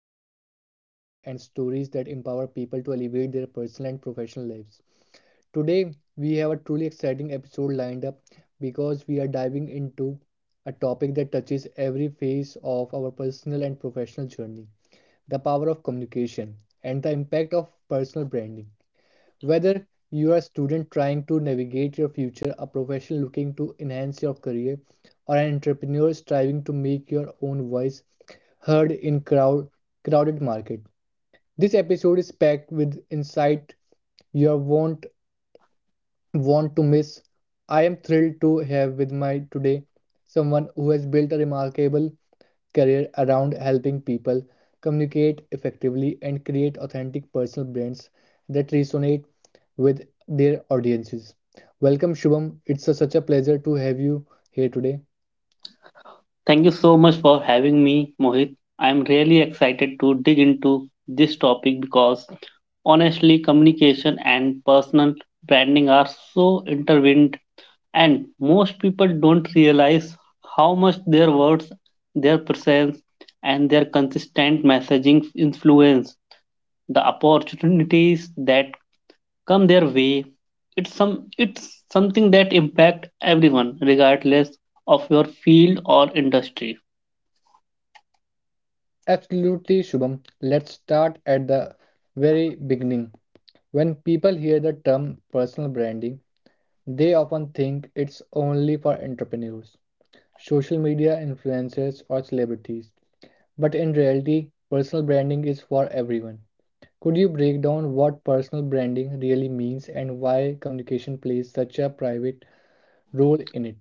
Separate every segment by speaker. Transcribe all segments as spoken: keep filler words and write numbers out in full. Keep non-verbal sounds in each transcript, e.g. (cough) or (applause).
Speaker 1: strategies, mindset, and stories that empower people to elevate their personal and professional lives. Today, we have a truly exciting episode lined up because we are diving into a topic that touches every phase of our personal and professional journey, the power of communication and the impact of personal branding. Whether you're a student trying to navigate your future, a professional looking to enhance your career, or an entrepreneur striving to make your own voice heard in crowd crowded market. This episode is packed with insight you won't want to miss. I am thrilled to have with my today someone who has built a remarkable career around helping people communicate effectively and create authentic personal brands that resonate with their audiences. Welcome, Shubham. It's a- such a pleasure to have you here today.
Speaker 2: Thank you so much for having me, Mohit. I'm really excited to dig into this topic because honestly, communication and personal branding are so intertwined, and most people don't realize how much their words, their presence, and their consistent messaging influence the opportunities that come their way. It's some it's something that impact everyone, regardless of your field or industry.
Speaker 1: Absolutely, Shubham. Let's start at the very beginning. When people hear the term personal branding, they often think it's only for entrepreneurs, social media influencers, or celebrities. But in reality, personal branding is for everyone. Could you break down what personal branding really means and why communication plays such a private role in it?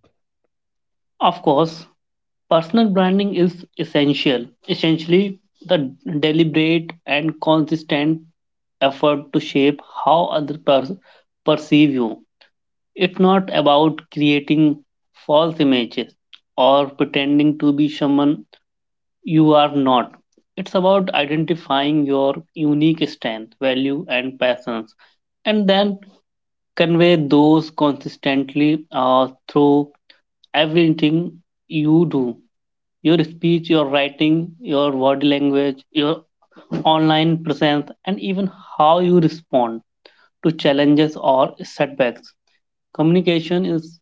Speaker 2: Of course, personal branding is essential, essentially, the deliberate and consistent effort to shape how other pers- perceive you. It's not about creating false images or pretending to be someone you are not. It's about identifying your unique strengths, value, and passions, and then convey those consistently uh, through everything you do. Your speech, your writing, your body language, your online presence, and even how you respond to challenges or setbacks. Communication is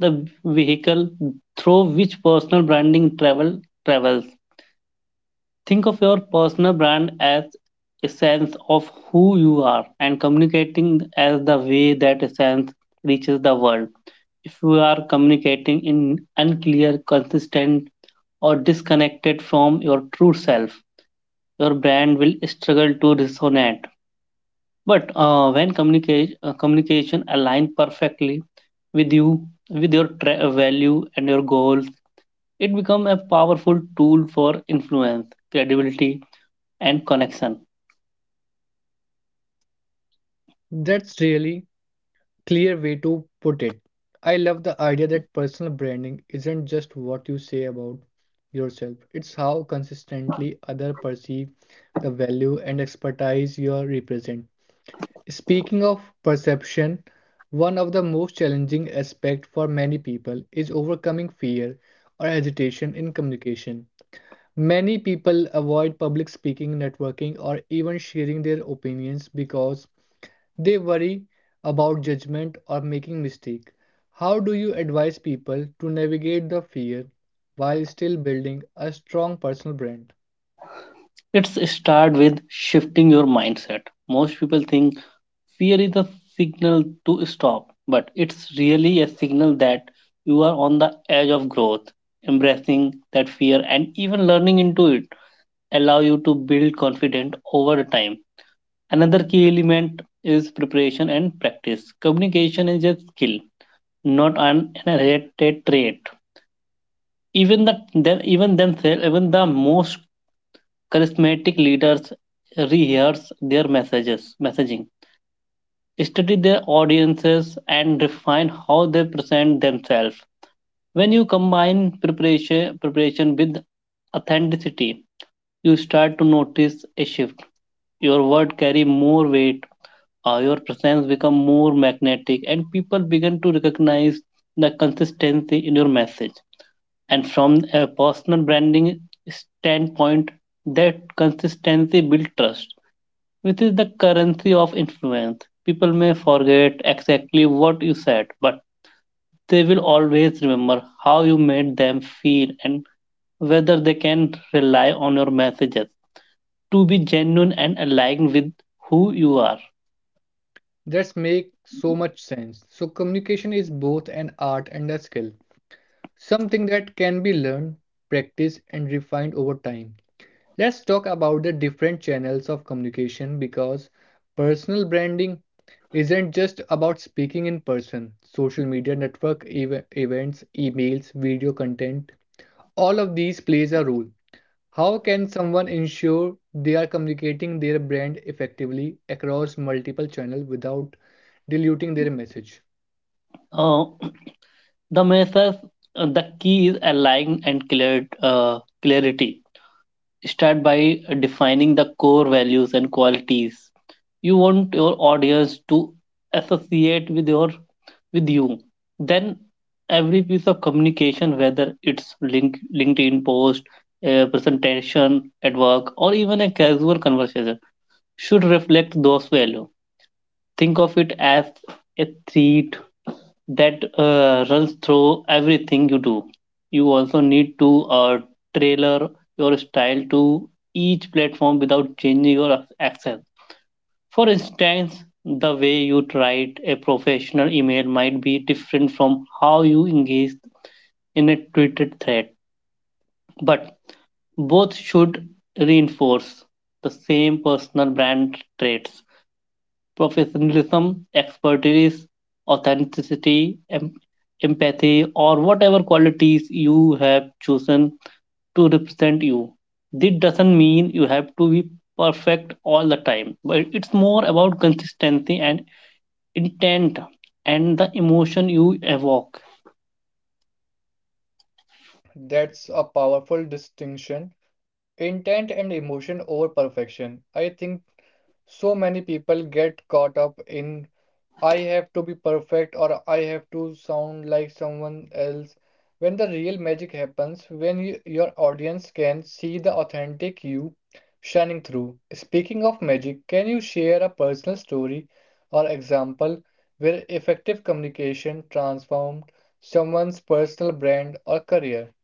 Speaker 2: the vehicle through which personal branding travel travels. Think of your personal brand as a sense of who you are and communicating as the way that essence reaches the world. If you are communicating in unclear, consistent, or disconnected from your true self, your brand will struggle to resonate. But uh, when communica- uh, communication aligns perfectly with you, with your tra- value and your goals, it becomes a powerful tool for influence, credibility, and connection.
Speaker 1: That's really clear way to put it. I love the idea that personal branding isn't just what you say about yourself. It's how consistently others perceive the value and expertise you represent. Speaking of perception, one of the most challenging aspects for many people is overcoming fear or hesitation in communication. Many people avoid public speaking, networking, or even sharing their opinions because they worry about judgment or making mistake. How do you advise people to navigate the fear while still building a strong personal brand?
Speaker 2: It's start with shifting your mindset. Most people think fear is a signal to stop, but it's really a signal that you are on the edge of growth. Embracing that fear and even learning into it allow you to build confidence over time. Another key element is preparation and practice. Communication is a skill, not an inherited trait. Even the then even themselves, even the most charismatic leaders rehearse their messages messaging study their audiences and refine how they present themselves when you combine preparation preparation with authenticity you start to notice a shift your word carry more weight, uh, your presence become more magnetic and people begin to recognize the consistency in your message and from a personal branding standpoint, that consistency builds trust, which is the currency of influence. People may forget exactly what you said, but they will always remember how you made them feel and whether they can rely on your messages to be genuine and aligned with who you are.
Speaker 1: That's make so much sense. So communication is both an art and a skill, something that can be learned, practiced, and refined over time. Let's talk about the different channels of communication because personal branding isn't just about speaking in person. Social media, network ev- events, emails, video content, all of these plays a role. How can someone ensure they are communicating their brand effectively across multiple channels without diluting their message?
Speaker 2: Uh, the message, uh, the key is aligned and clear, uh, clarity. Start by defining the core values and qualities you want your audience to associate with your with you, then every piece of communication whether it's link linkedin post, a presentation at work, or even a casual conversation should reflect those values. Think of it as a three that uh, runs through everything you do. You also need to uh, tailor your style to each platform without changing your accent. For instance, the way you write a professional email might be different from how you engage in a Twitter thread, but both should reinforce the same personal brand traits. Professionalism, expertise, authenticity, em- empathy, or whatever qualities you have chosen to represent you. This doesn't mean you have to be perfect all the time, but it's more about consistency and intent and the emotion you evoke.
Speaker 1: That's a powerful distinction. Intent and emotion over perfection. I think so many people get caught up in I have to be perfect or I have to sound like someone else when the real magic happens when you, your audience can see the authentic you shining through. Speaking of magic, can you share a personal story or example where effective communication transformed someone's personal brand or career?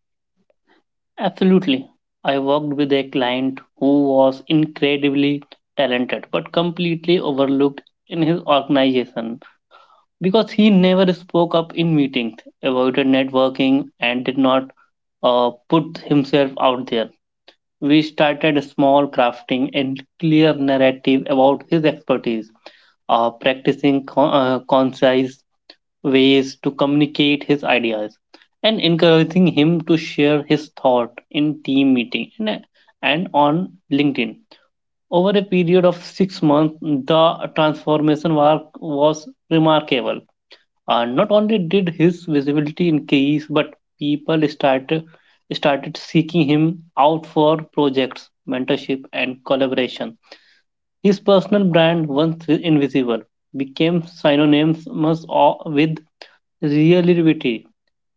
Speaker 2: Absolutely. I worked with a client who was incredibly talented but completely overlooked in his organization because he never spoke up in meetings, avoided networking, and did not uh, put himself out there. We started small, crafting and clear narrative about his expertise, uh, practicing con- uh, concise ways to communicate his ideas, and encouraging him to share his thought in team meeting and, and on LinkedIn. Over a period of six months, the transformation work was remarkable. Uh, not only did his visibility increase, but people started started seeking him out for projects, mentorship, and collaboration. His personal brand, once invisible, became synonymous o- with reliability,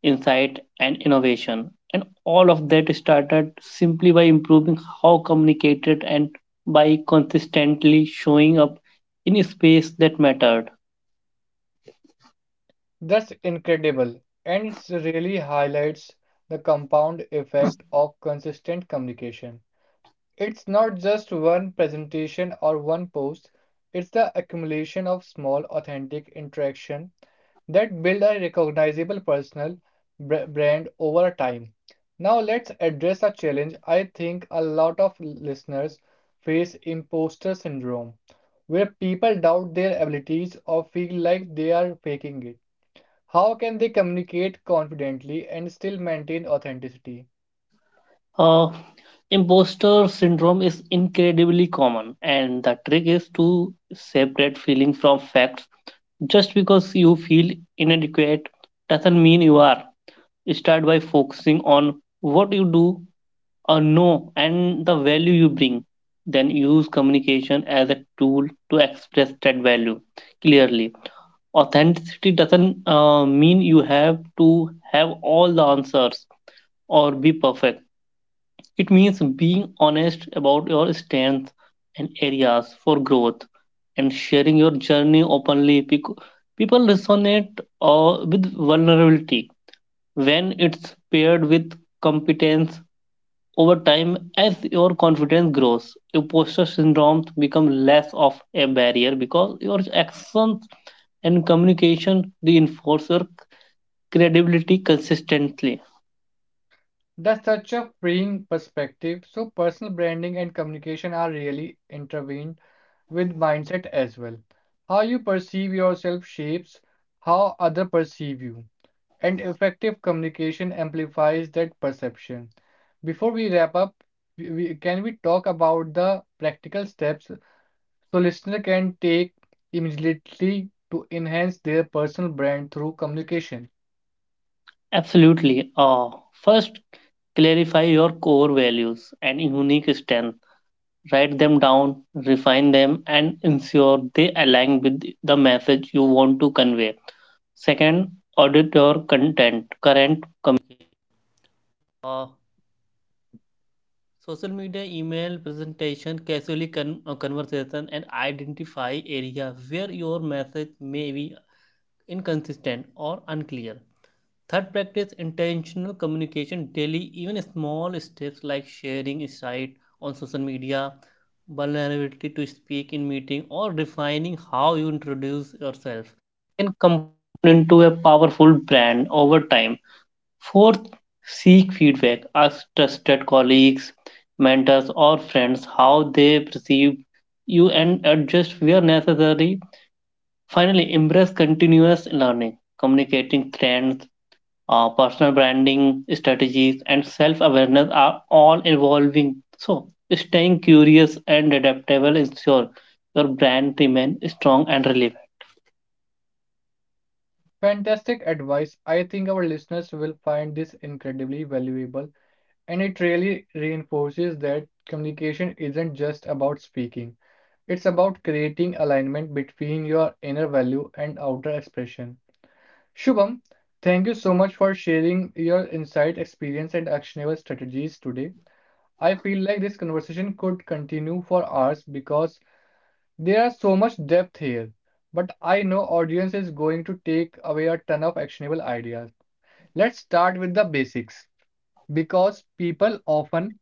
Speaker 2: insight, and innovation. And all of that started simply by improving how communicated and by consistently showing up in a space that mattered.
Speaker 1: That's incredible, and it really highlights the compound effect of consistent communication. It's not just one presentation or one post, it's the accumulation of small, authentic interaction that build a recognizable personal br- brand over time. Now let's address a challenge I think a lot of listeners face, imposter syndrome, where people doubt their abilities or feel like they are faking it. How can they communicate confidently and still maintain authenticity?
Speaker 2: Uh, Imposter syndrome is incredibly common, and the trick is to separate feeling from facts. Just because you feel inadequate doesn't mean you are. Start by focusing on what you do or know and the value you bring. Then use communication as a tool to express that value clearly. Authenticity doesn't uh, mean you have to have all the answers or be perfect, it means being honest about your strengths and areas for growth and sharing your journey openly. Bec- People resonate uh, with vulnerability when it's paired with competence. Over time as your confidence grows, imposter syndrome becomes less of a barrier because your actions and communication reinforce your credibility consistently.
Speaker 1: The search of freeing perspective. So, personal branding and communication are really intertwined with mindset as well. How you perceive yourself shapes how others perceive you, and effective communication amplifies that perception. Before we wrap up, we, we- can we talk about the practical steps so listener can take immediately to enhance their personal brand through communication?
Speaker 2: Absolutely. Uh, first, clarify your core values and unique strength. Write them down, refine them, and ensure they align with the message you want to convey. Second, audit your content, current over time. Fourth, seek feedback. Ask trusted colleagues, mentors, or friends how they perceive you and adjust where necessary. Finally, embrace continuous learning, communicating trends, uh, personal branding strategies, and self awareness are all evolving. So, staying curious and adaptable ensure your brand remains strong and relevant.
Speaker 1: Fantastic advice. I think our listeners will find this incredibly valuable, and it really reinforces that communication isn't just about speaking, it's about creating alignment between your inner value and outer expression. Shubham, thank you so much for sharing your insight, experience, and actionable strategies today. I feel like this conversation could continue for hours because there is so much depth here. But I know audience is going to take away a ton of actionable ideas. Let's start with the basics because people often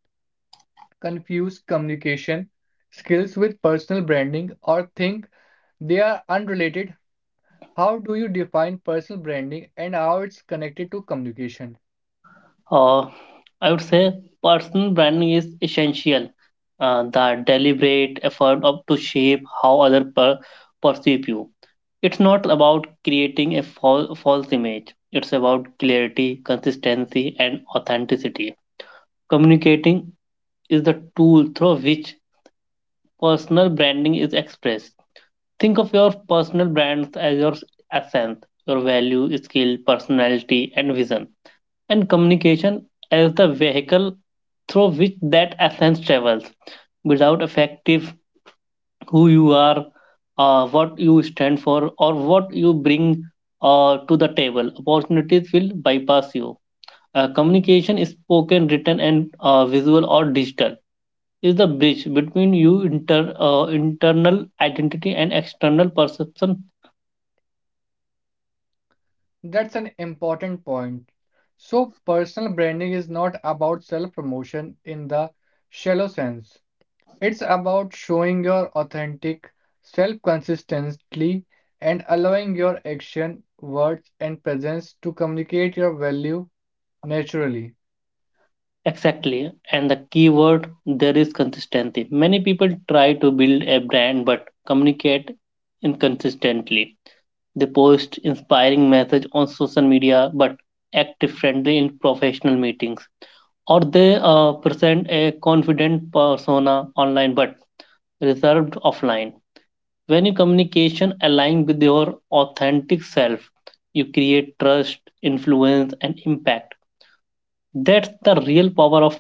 Speaker 1: confuse communication skills with personal branding or think they are unrelated. How do you define personal branding and how it's connected to communication?
Speaker 2: Uh, I would say personal branding is essential. Uh, the deliberate effort of to shape how other per- perceive you. It's not about creating a fal- false image. It's about clarity, consistency, and authenticity. Communicating is the tool through which personal branding is expressed. Think of your personal brands as your essence, your value, skill, personality, and vision, and communication as the vehicle through which that essence travels. Without effective who you are, uh, what you stand for, or what you bring uh, to the table, opportunities will bypass you. Uh, communication is spoken, written, and uh, visual or digital is the bridge between you inter, uh, internal identity and external perception.
Speaker 1: That's an important point. So, personal branding is not about self promotion in the shallow sense. It's about showing your authentic self consistently and allowing your action, words, and presence to communicate your value naturally.
Speaker 2: Exactly. And the key word there is consistency. Many people try to build a brand but communicate inconsistently. They post inspiring message on social media but act differently in professional meetings. Or they uh, present a confident persona online but reserved offline. When your communication aligns with your authentic self, you create trust, influence, and impact. That's the real power of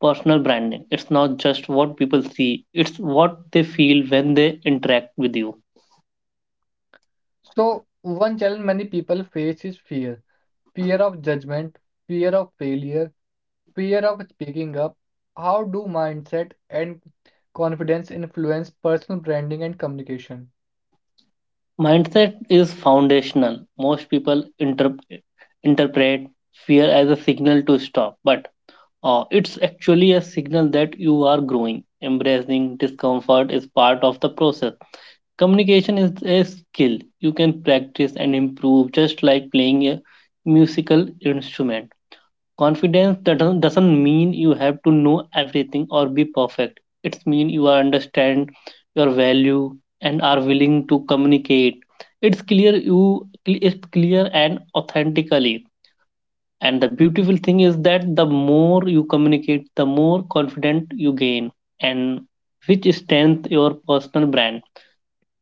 Speaker 2: personal branding. It's not just what people see, it's what they feel when they interact with you.
Speaker 1: So, one challenge many people face is fear fear of judgment, fear of failure, fear of speaking up. How do mindset and confidence influence personal branding and communication?
Speaker 2: Mindset is foundational. Most people inter- interpret fear as a signal to stop, but uh, it's actually a signal that you are growing. Embracing discomfort is part of the process. Communication is a skill you can practice and improve, just like playing a musical instrument. Confidence that doesn't doesn't mean you have to know everything or be perfect. It's mean you are understand your value and are willing to communicate. It's clear you it's clear and authentically. And the beautiful thing is that the more you communicate, the more confident you gain, and which strengthens your personal brand.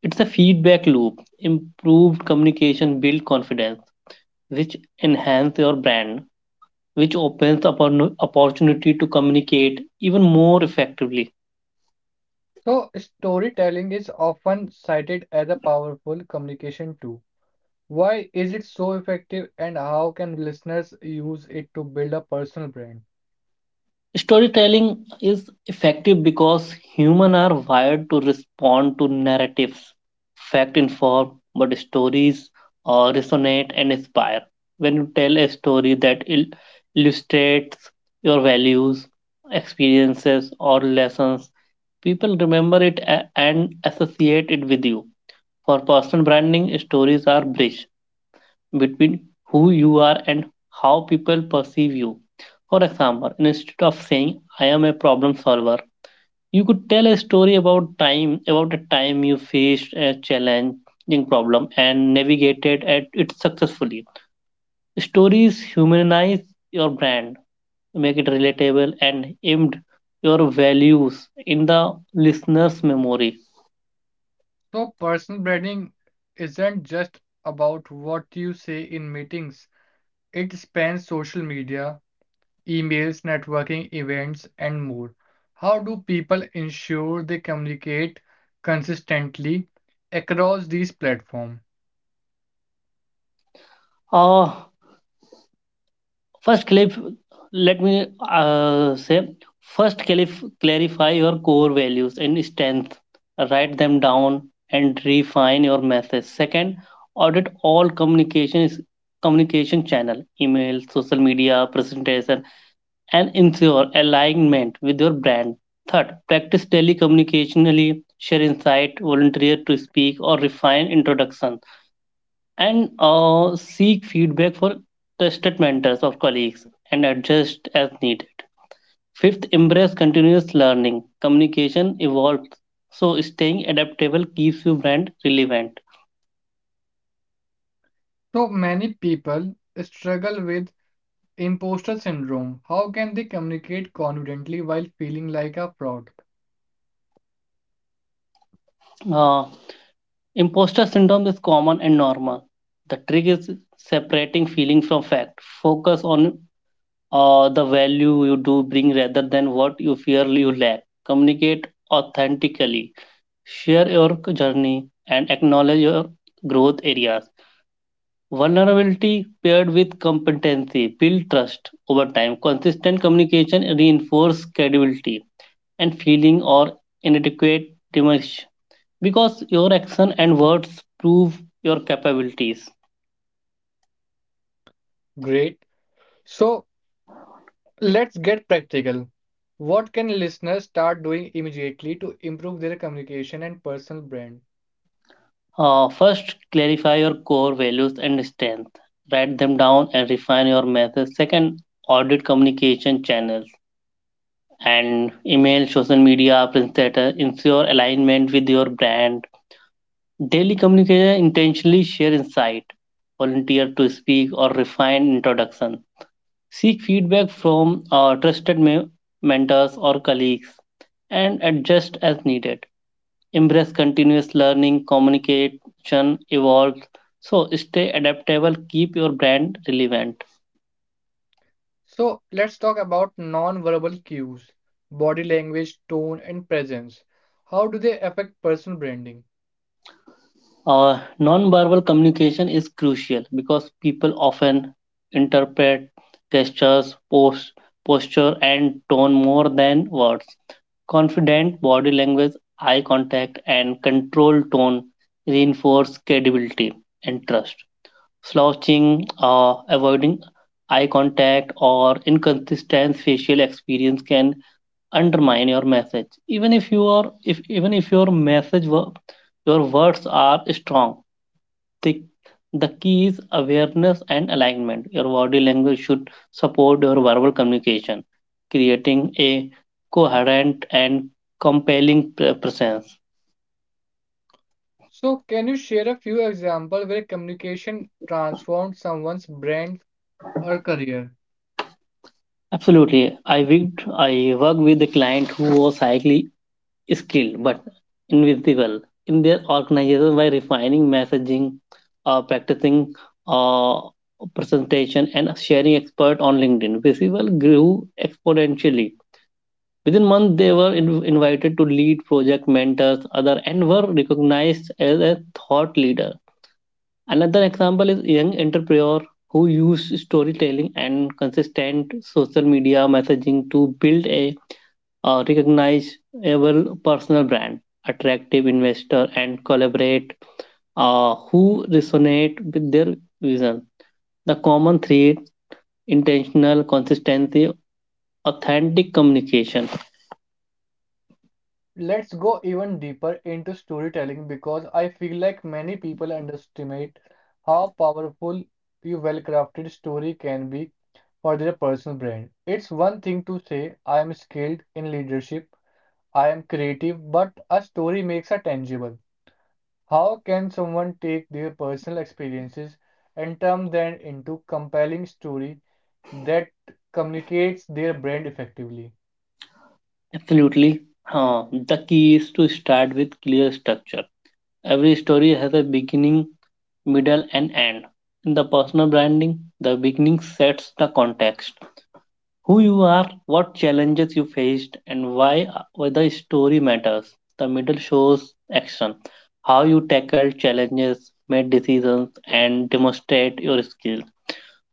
Speaker 2: It's a feedback loop. Improved communication build confidence, which enhance your brand, which opens up an opportunity to communicate even more effectively.
Speaker 1: So, storytelling is often cited as a powerful communication tool. Why is it so effective and how can listeners use it to build a personal brand?
Speaker 2: Storytelling is effective because humans are wired to respond to narratives, fact inform, but stories uh, resonate and inspire. When you tell a story that il- illustrates your values, experiences, or lessons, people remember it a- and associate it with you. For personal branding, stories are bridge between who you are and how people perceive you. For example, instead of saying I am a problem solver, you could tell a story about time about a time you faced a challenging problem and navigated at it successfully. Stories humanize your brand, make it relatable and aimed your values in the listener's memory.
Speaker 1: So, personal branding isn't just about what you say in meetings, it spans social media, emails, networking events, and more. How do people ensure they communicate consistently across these platforms?
Speaker 2: Ah, First, Caliph, let me uh, say, First, Caliph, clarify your core values and strengths. Write them down and refine your message. Second, audit all communication is communication channel, email, social media, presentation, and ensure alignment with your brand. Third, practice daily communicationally, share insight, volunteer to speak, or refine introduction, and uh, seek feedback for trusted mentors or colleagues and adjust as needed. Fifth, embrace continuous learning. Communication evolves, so staying adaptable keeps your brand relevant.
Speaker 1: So, many people struggle with imposter syndrome. How can they communicate confidently while feeling like a fraud?
Speaker 2: Uh, Imposter syndrome is common and normal. The trick is separating feeling from fact. Focus on uh, the value you do bring rather than what you fear you lack. Communicate authentically. Share your journey and acknowledge your growth areas. Vulnerability paired with competency build trust over time. Consistent communication reinforce credibility and feeling or inadequate diminish because your action and words prove your capabilities.
Speaker 1: Great. So let's get practical. What can listeners start doing immediately to improve their communication and personal brand?
Speaker 2: Uh, first, clarify your core values and strength. Write them down and refine your methods. Second, audit communication channels and email, social media, print letter. Ensure alignment with your brand. Daily communication intentionally share insight, volunteer to speak or refine introduction, seek feedback from uh, trusted me- mentors or colleagues, and adjust as needed. Embrace continuous learning, communication evolves. So stay adaptable, keep your brand relevant.
Speaker 1: So let's talk about non-verbal cues, body language, tone, and presence. How do they affect personal branding?
Speaker 2: Uh, nonverbal communication is crucial because people often interpret gestures, post, posture, and tone more than words. Confident body language, eye contact, and controlled tone reinforce credibility and trust. Slouching, uh, avoiding eye contact, or inconsistent facial experience can undermine your message. Even if you are, if even if your message, were your words are strong, the, the key is awareness and alignment. Your body language should support your verbal communication, creating a coherent and compelling presence.
Speaker 1: So can you share a few examples where communication transformed someone's brand or career?
Speaker 2: Absolutely. I worked, I worked with a client who was highly skilled but invisible in their organization. By refining messaging, uh, practicing uh, presentation, and sharing expert on LinkedIn, visible grew exponentially. Within months, they were in- invited to lead project mentors, other and were recognized as a thought leader. Another example is young entrepreneur who used storytelling and consistent social media messaging to build a uh, recognizable personal brand, attractive investor, and collaborate uh, who resonate with their vision. The common thread: intentional consistency, authentic communication.
Speaker 1: Let's go even deeper into storytelling because I feel like many people underestimate how powerful a well-crafted story can be for their personal brand. It's one thing to say, I am skilled in leadership, I am creative, but a story makes it tangible. How can someone take their personal experiences and turn them into compelling story that communicates their brand effectively?
Speaker 2: Absolutely. Huh. The key is to start with clear structure. Every story has a beginning, middle, and end. In the personal branding, the beginning sets the context. Who you are, what challenges you faced, and why, why the story matters. The middle shows action, how you tackled challenges, made decisions, and demonstrate your skills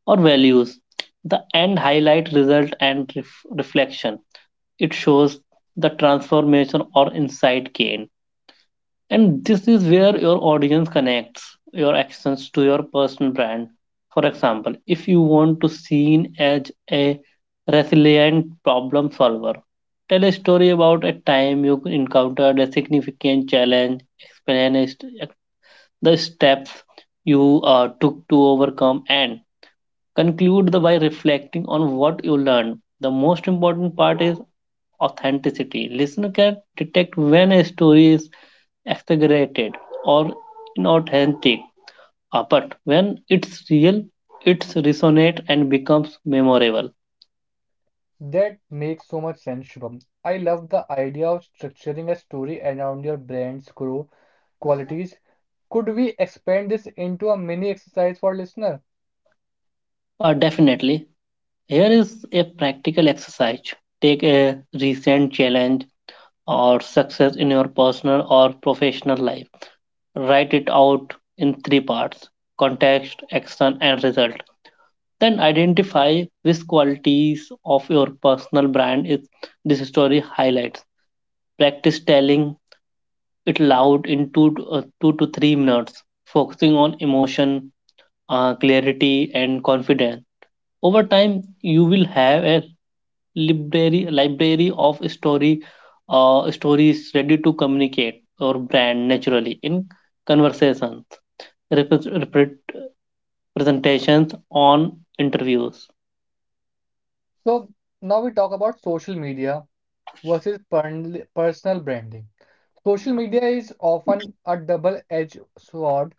Speaker 2: or values. The end highlight result and ref- reflection. It shows the transformation or insight gained, and this is where your audience connects your actions to your personal brand. For example, if you want to be seen as a resilient problem solver, tell a story about a time you encountered a significant challenge. Explain the steps you uh, took to overcome and conclude by reflecting on what you learned. The most important part is authenticity. Listener can detect when a story is exaggerated or inauthentic, uh, but when it's real, it's resonates and becomes memorable.
Speaker 1: That makes so much sense, Shubham. I love the idea of structuring a story around your brand's core qualities. Could we expand this into a mini exercise for listener?
Speaker 2: Uh, definitely. Here is a practical exercise. Take a recent challenge or success in your personal or professional life. Write it out in three parts: context, action, and result. Then identify which qualities of your personal brand is this story highlights. Practice telling it loud in two to, uh, two to three minutes, focusing on emotion, uh, clarity, and confidence. Over time, you will have a library library of story uh, stories ready to communicate your brand naturally in conversations, repre- repre- presentations, on interviews.
Speaker 1: So now we talk about social media versus pern- personal branding. Social media is often a double-edged sword.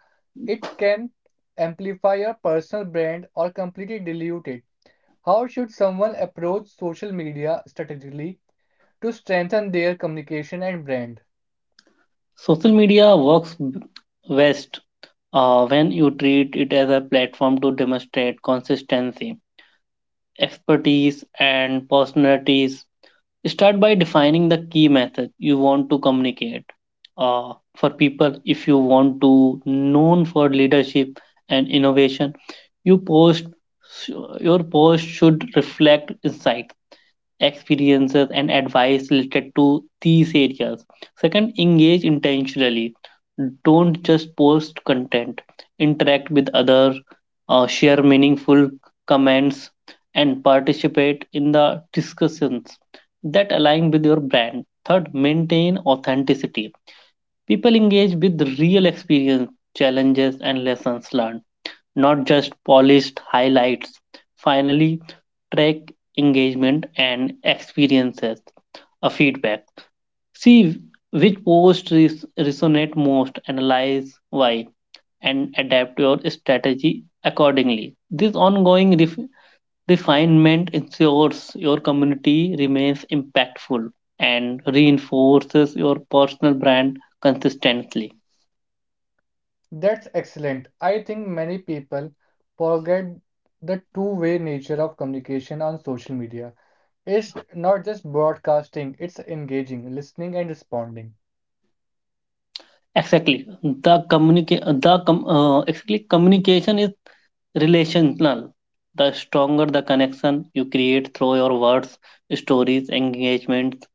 Speaker 1: It can amplify your personal brand or completely dilute it. How should someone approach social media strategically to strengthen their communication and brand?
Speaker 2: Social media works b- best uh, when you treat it as a platform to demonstrate consistency, expertise, and personalities. Start by defining the key message you want to communicate. Uh, for people, if you want to known for leadership and innovation, you post your post should reflect insight experiences, and advice related to these areas. Second, engage intentionally. Don't just post content, interact with others, uh, share meaningful comments, and participate in the discussions that align with your brand. Third, maintain authenticity. People engage with real experience, challenges, and lessons learned, not just polished highlights. Finally, track engagement and experiences, a feedback. See which posts res- resonate most, analyze why, and adapt your strategy accordingly. This ongoing ref- refinement ensures your community remains impactful and reinforces your personal brand consistently.
Speaker 1: That's excellent. I think many people forget the two-way nature of communication on social media. It's not just broadcasting, it's engaging, listening, and responding.
Speaker 2: Exactly, the communica- the com- uh, exactly communication is relational. The stronger the connection you create through your words, stories, engagements,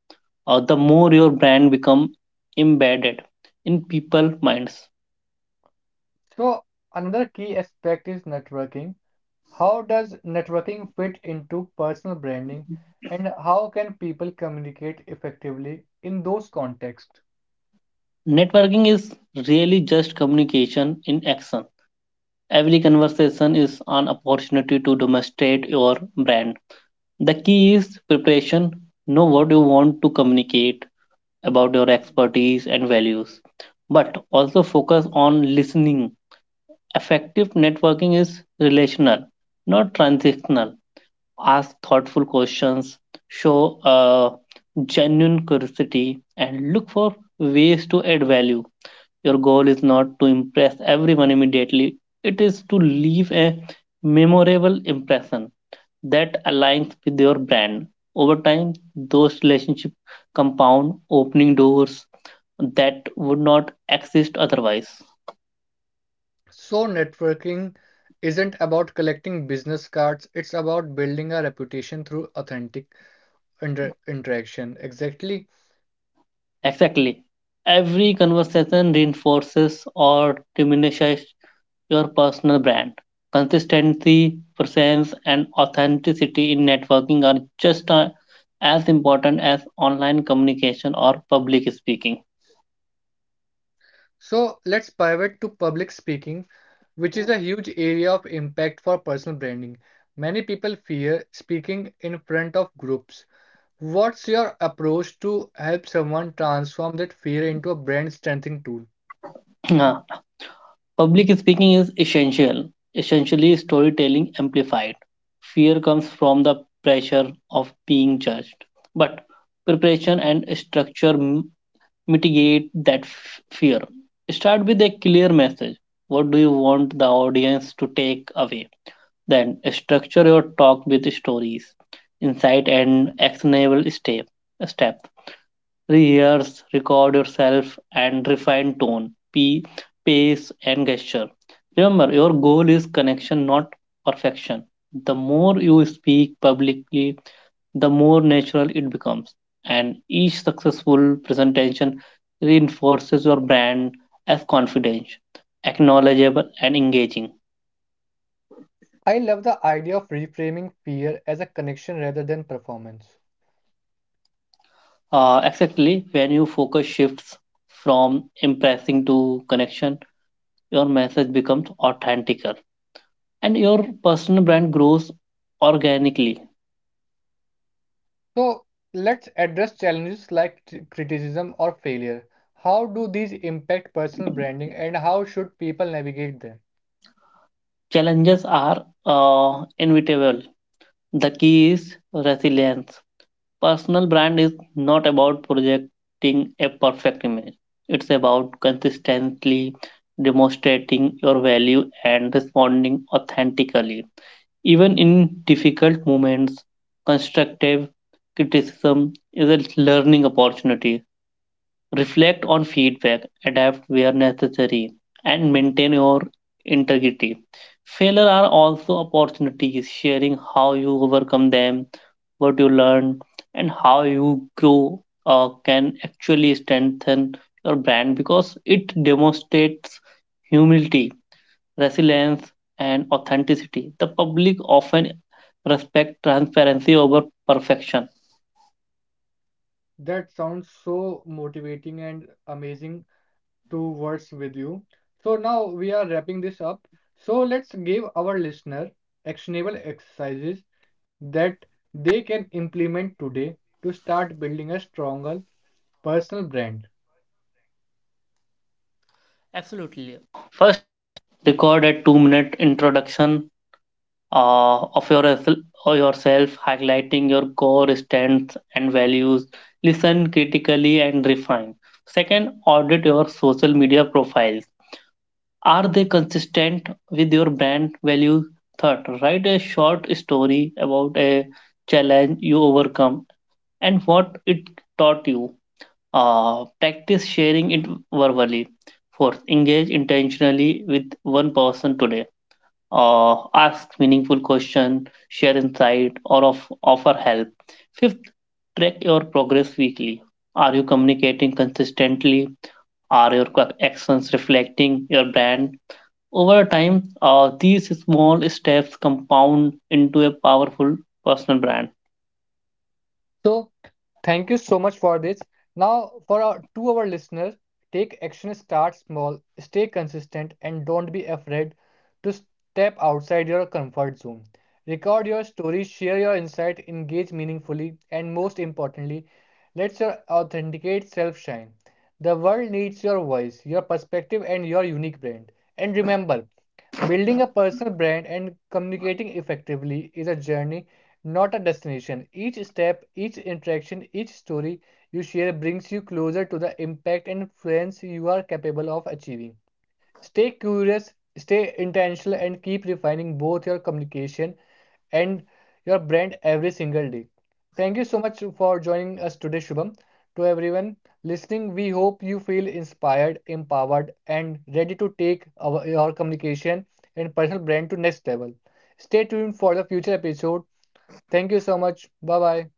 Speaker 2: or the more your brand become embedded in people's minds.
Speaker 1: So, another key aspect is networking. How does networking fit into personal branding, and how can people communicate effectively in those contexts?
Speaker 2: Networking is really just communication in action. Every conversation is an opportunity to demonstrate your brand. The key is preparation. Know what you want to communicate about your expertise and values, but also focus on listening. Effective networking is relational, not transactional. Ask thoughtful questions, show uh, genuine curiosity, and look for ways to add value. Your goal is not to impress everyone immediately, it is to leave a memorable impression that aligns with your brand. Over time, those relationships compound, opening doors that would not exist otherwise.
Speaker 1: So, networking isn't about collecting business cards, it's about building a reputation through authentic inter- interaction. Exactly.
Speaker 2: Exactly. Every conversation reinforces or diminishes your personal brand. Consistency, presence, and authenticity in networking are just uh, as important as online communication or public speaking.
Speaker 1: So let's pivot to public speaking, which is a huge area of impact for personal branding. Many people fear speaking in front of groups. What's your approach to help someone transform that fear into a brand strengthening tool?
Speaker 2: (clears throat) Ah, Public speaking is essential, essentially, storytelling amplified. Fear comes from the pressure of being judged, but preparation and structure mitigate that f- fear? Start with a clear message. What do you want the audience to take away? Then structure your talk with stories, insight, and actionable step. Step. Rehearse, record yourself, and refine tone, p- pace, and gesture. Remember, your goal is connection, not perfection. The more you speak publicly, the more natural it becomes. And each successful presentation reinforces your brand as confident, acknowledgeable, and engaging.
Speaker 1: I love the idea of reframing fear as a connection rather than performance.
Speaker 2: Uh, exactly. When your focus shifts from impressing to connection, your message becomes authenticer and your personal brand grows organically.
Speaker 1: So let's address challenges like t- criticism or failure. How do these impact personal branding and how should people navigate them?
Speaker 2: Challenges are uh, inevitable. The key is resilience. Personal brand is not about projecting a perfect image. It's about consistently demonstrating your value and responding authentically. Even in difficult moments, constructive criticism is a learning opportunity. Reflect on feedback, adapt where necessary, and maintain your integrity. Failure are also opportunities. Sharing how you overcome them, what you learn, and how you grow uh, can actually strengthen your brand because it demonstrates humility, resilience, and authenticity. The public often respect transparency over perfection.
Speaker 1: That sounds so motivating and amazing to words with you. So now we are wrapping this up. So let's give our listener actionable exercises that they can implement today to start building a stronger personal brand.
Speaker 2: Reflection uh, of your, or yourself, highlighting your core strengths and values. Listen critically and refine. Second, audit your social media profiles. Are they consistent with your brand values? Third, write a short story about a challenge you overcome and what it taught you. Uh, practice sharing it verbally. Fourth, engage intentionally with one person today. Uh, ask meaningful question, share insight, or of, offer help. Fifth, track your progress weekly. Are you communicating consistently? Are your co- actions reflecting your brand? Over time, uh, these small steps compound into a powerful personal brand.
Speaker 1: So, thank you so much for this. Now, for our to our listeners, take action, start small, stay consistent, and don't be afraid to step outside your comfort zone. Record your story, share your insight, engage meaningfully, and most importantly, let your authenticate self shine. The world needs your voice, your perspective, and your unique brand. And remember, building a personal brand and communicating effectively is a journey, not a destination. Each step, each interaction, each story you share brings you closer to the impact and influence you are capable of achieving. Stay curious, stay intentional, and keep refining both your communication and your brand every single day. Thank you so much for joining us today, Shubham. To everyone listening, we hope you feel inspired, empowered, and ready to take our, your communication and personal brand to next level. Stay tuned for the future episode. Thank you so much. Bye bye.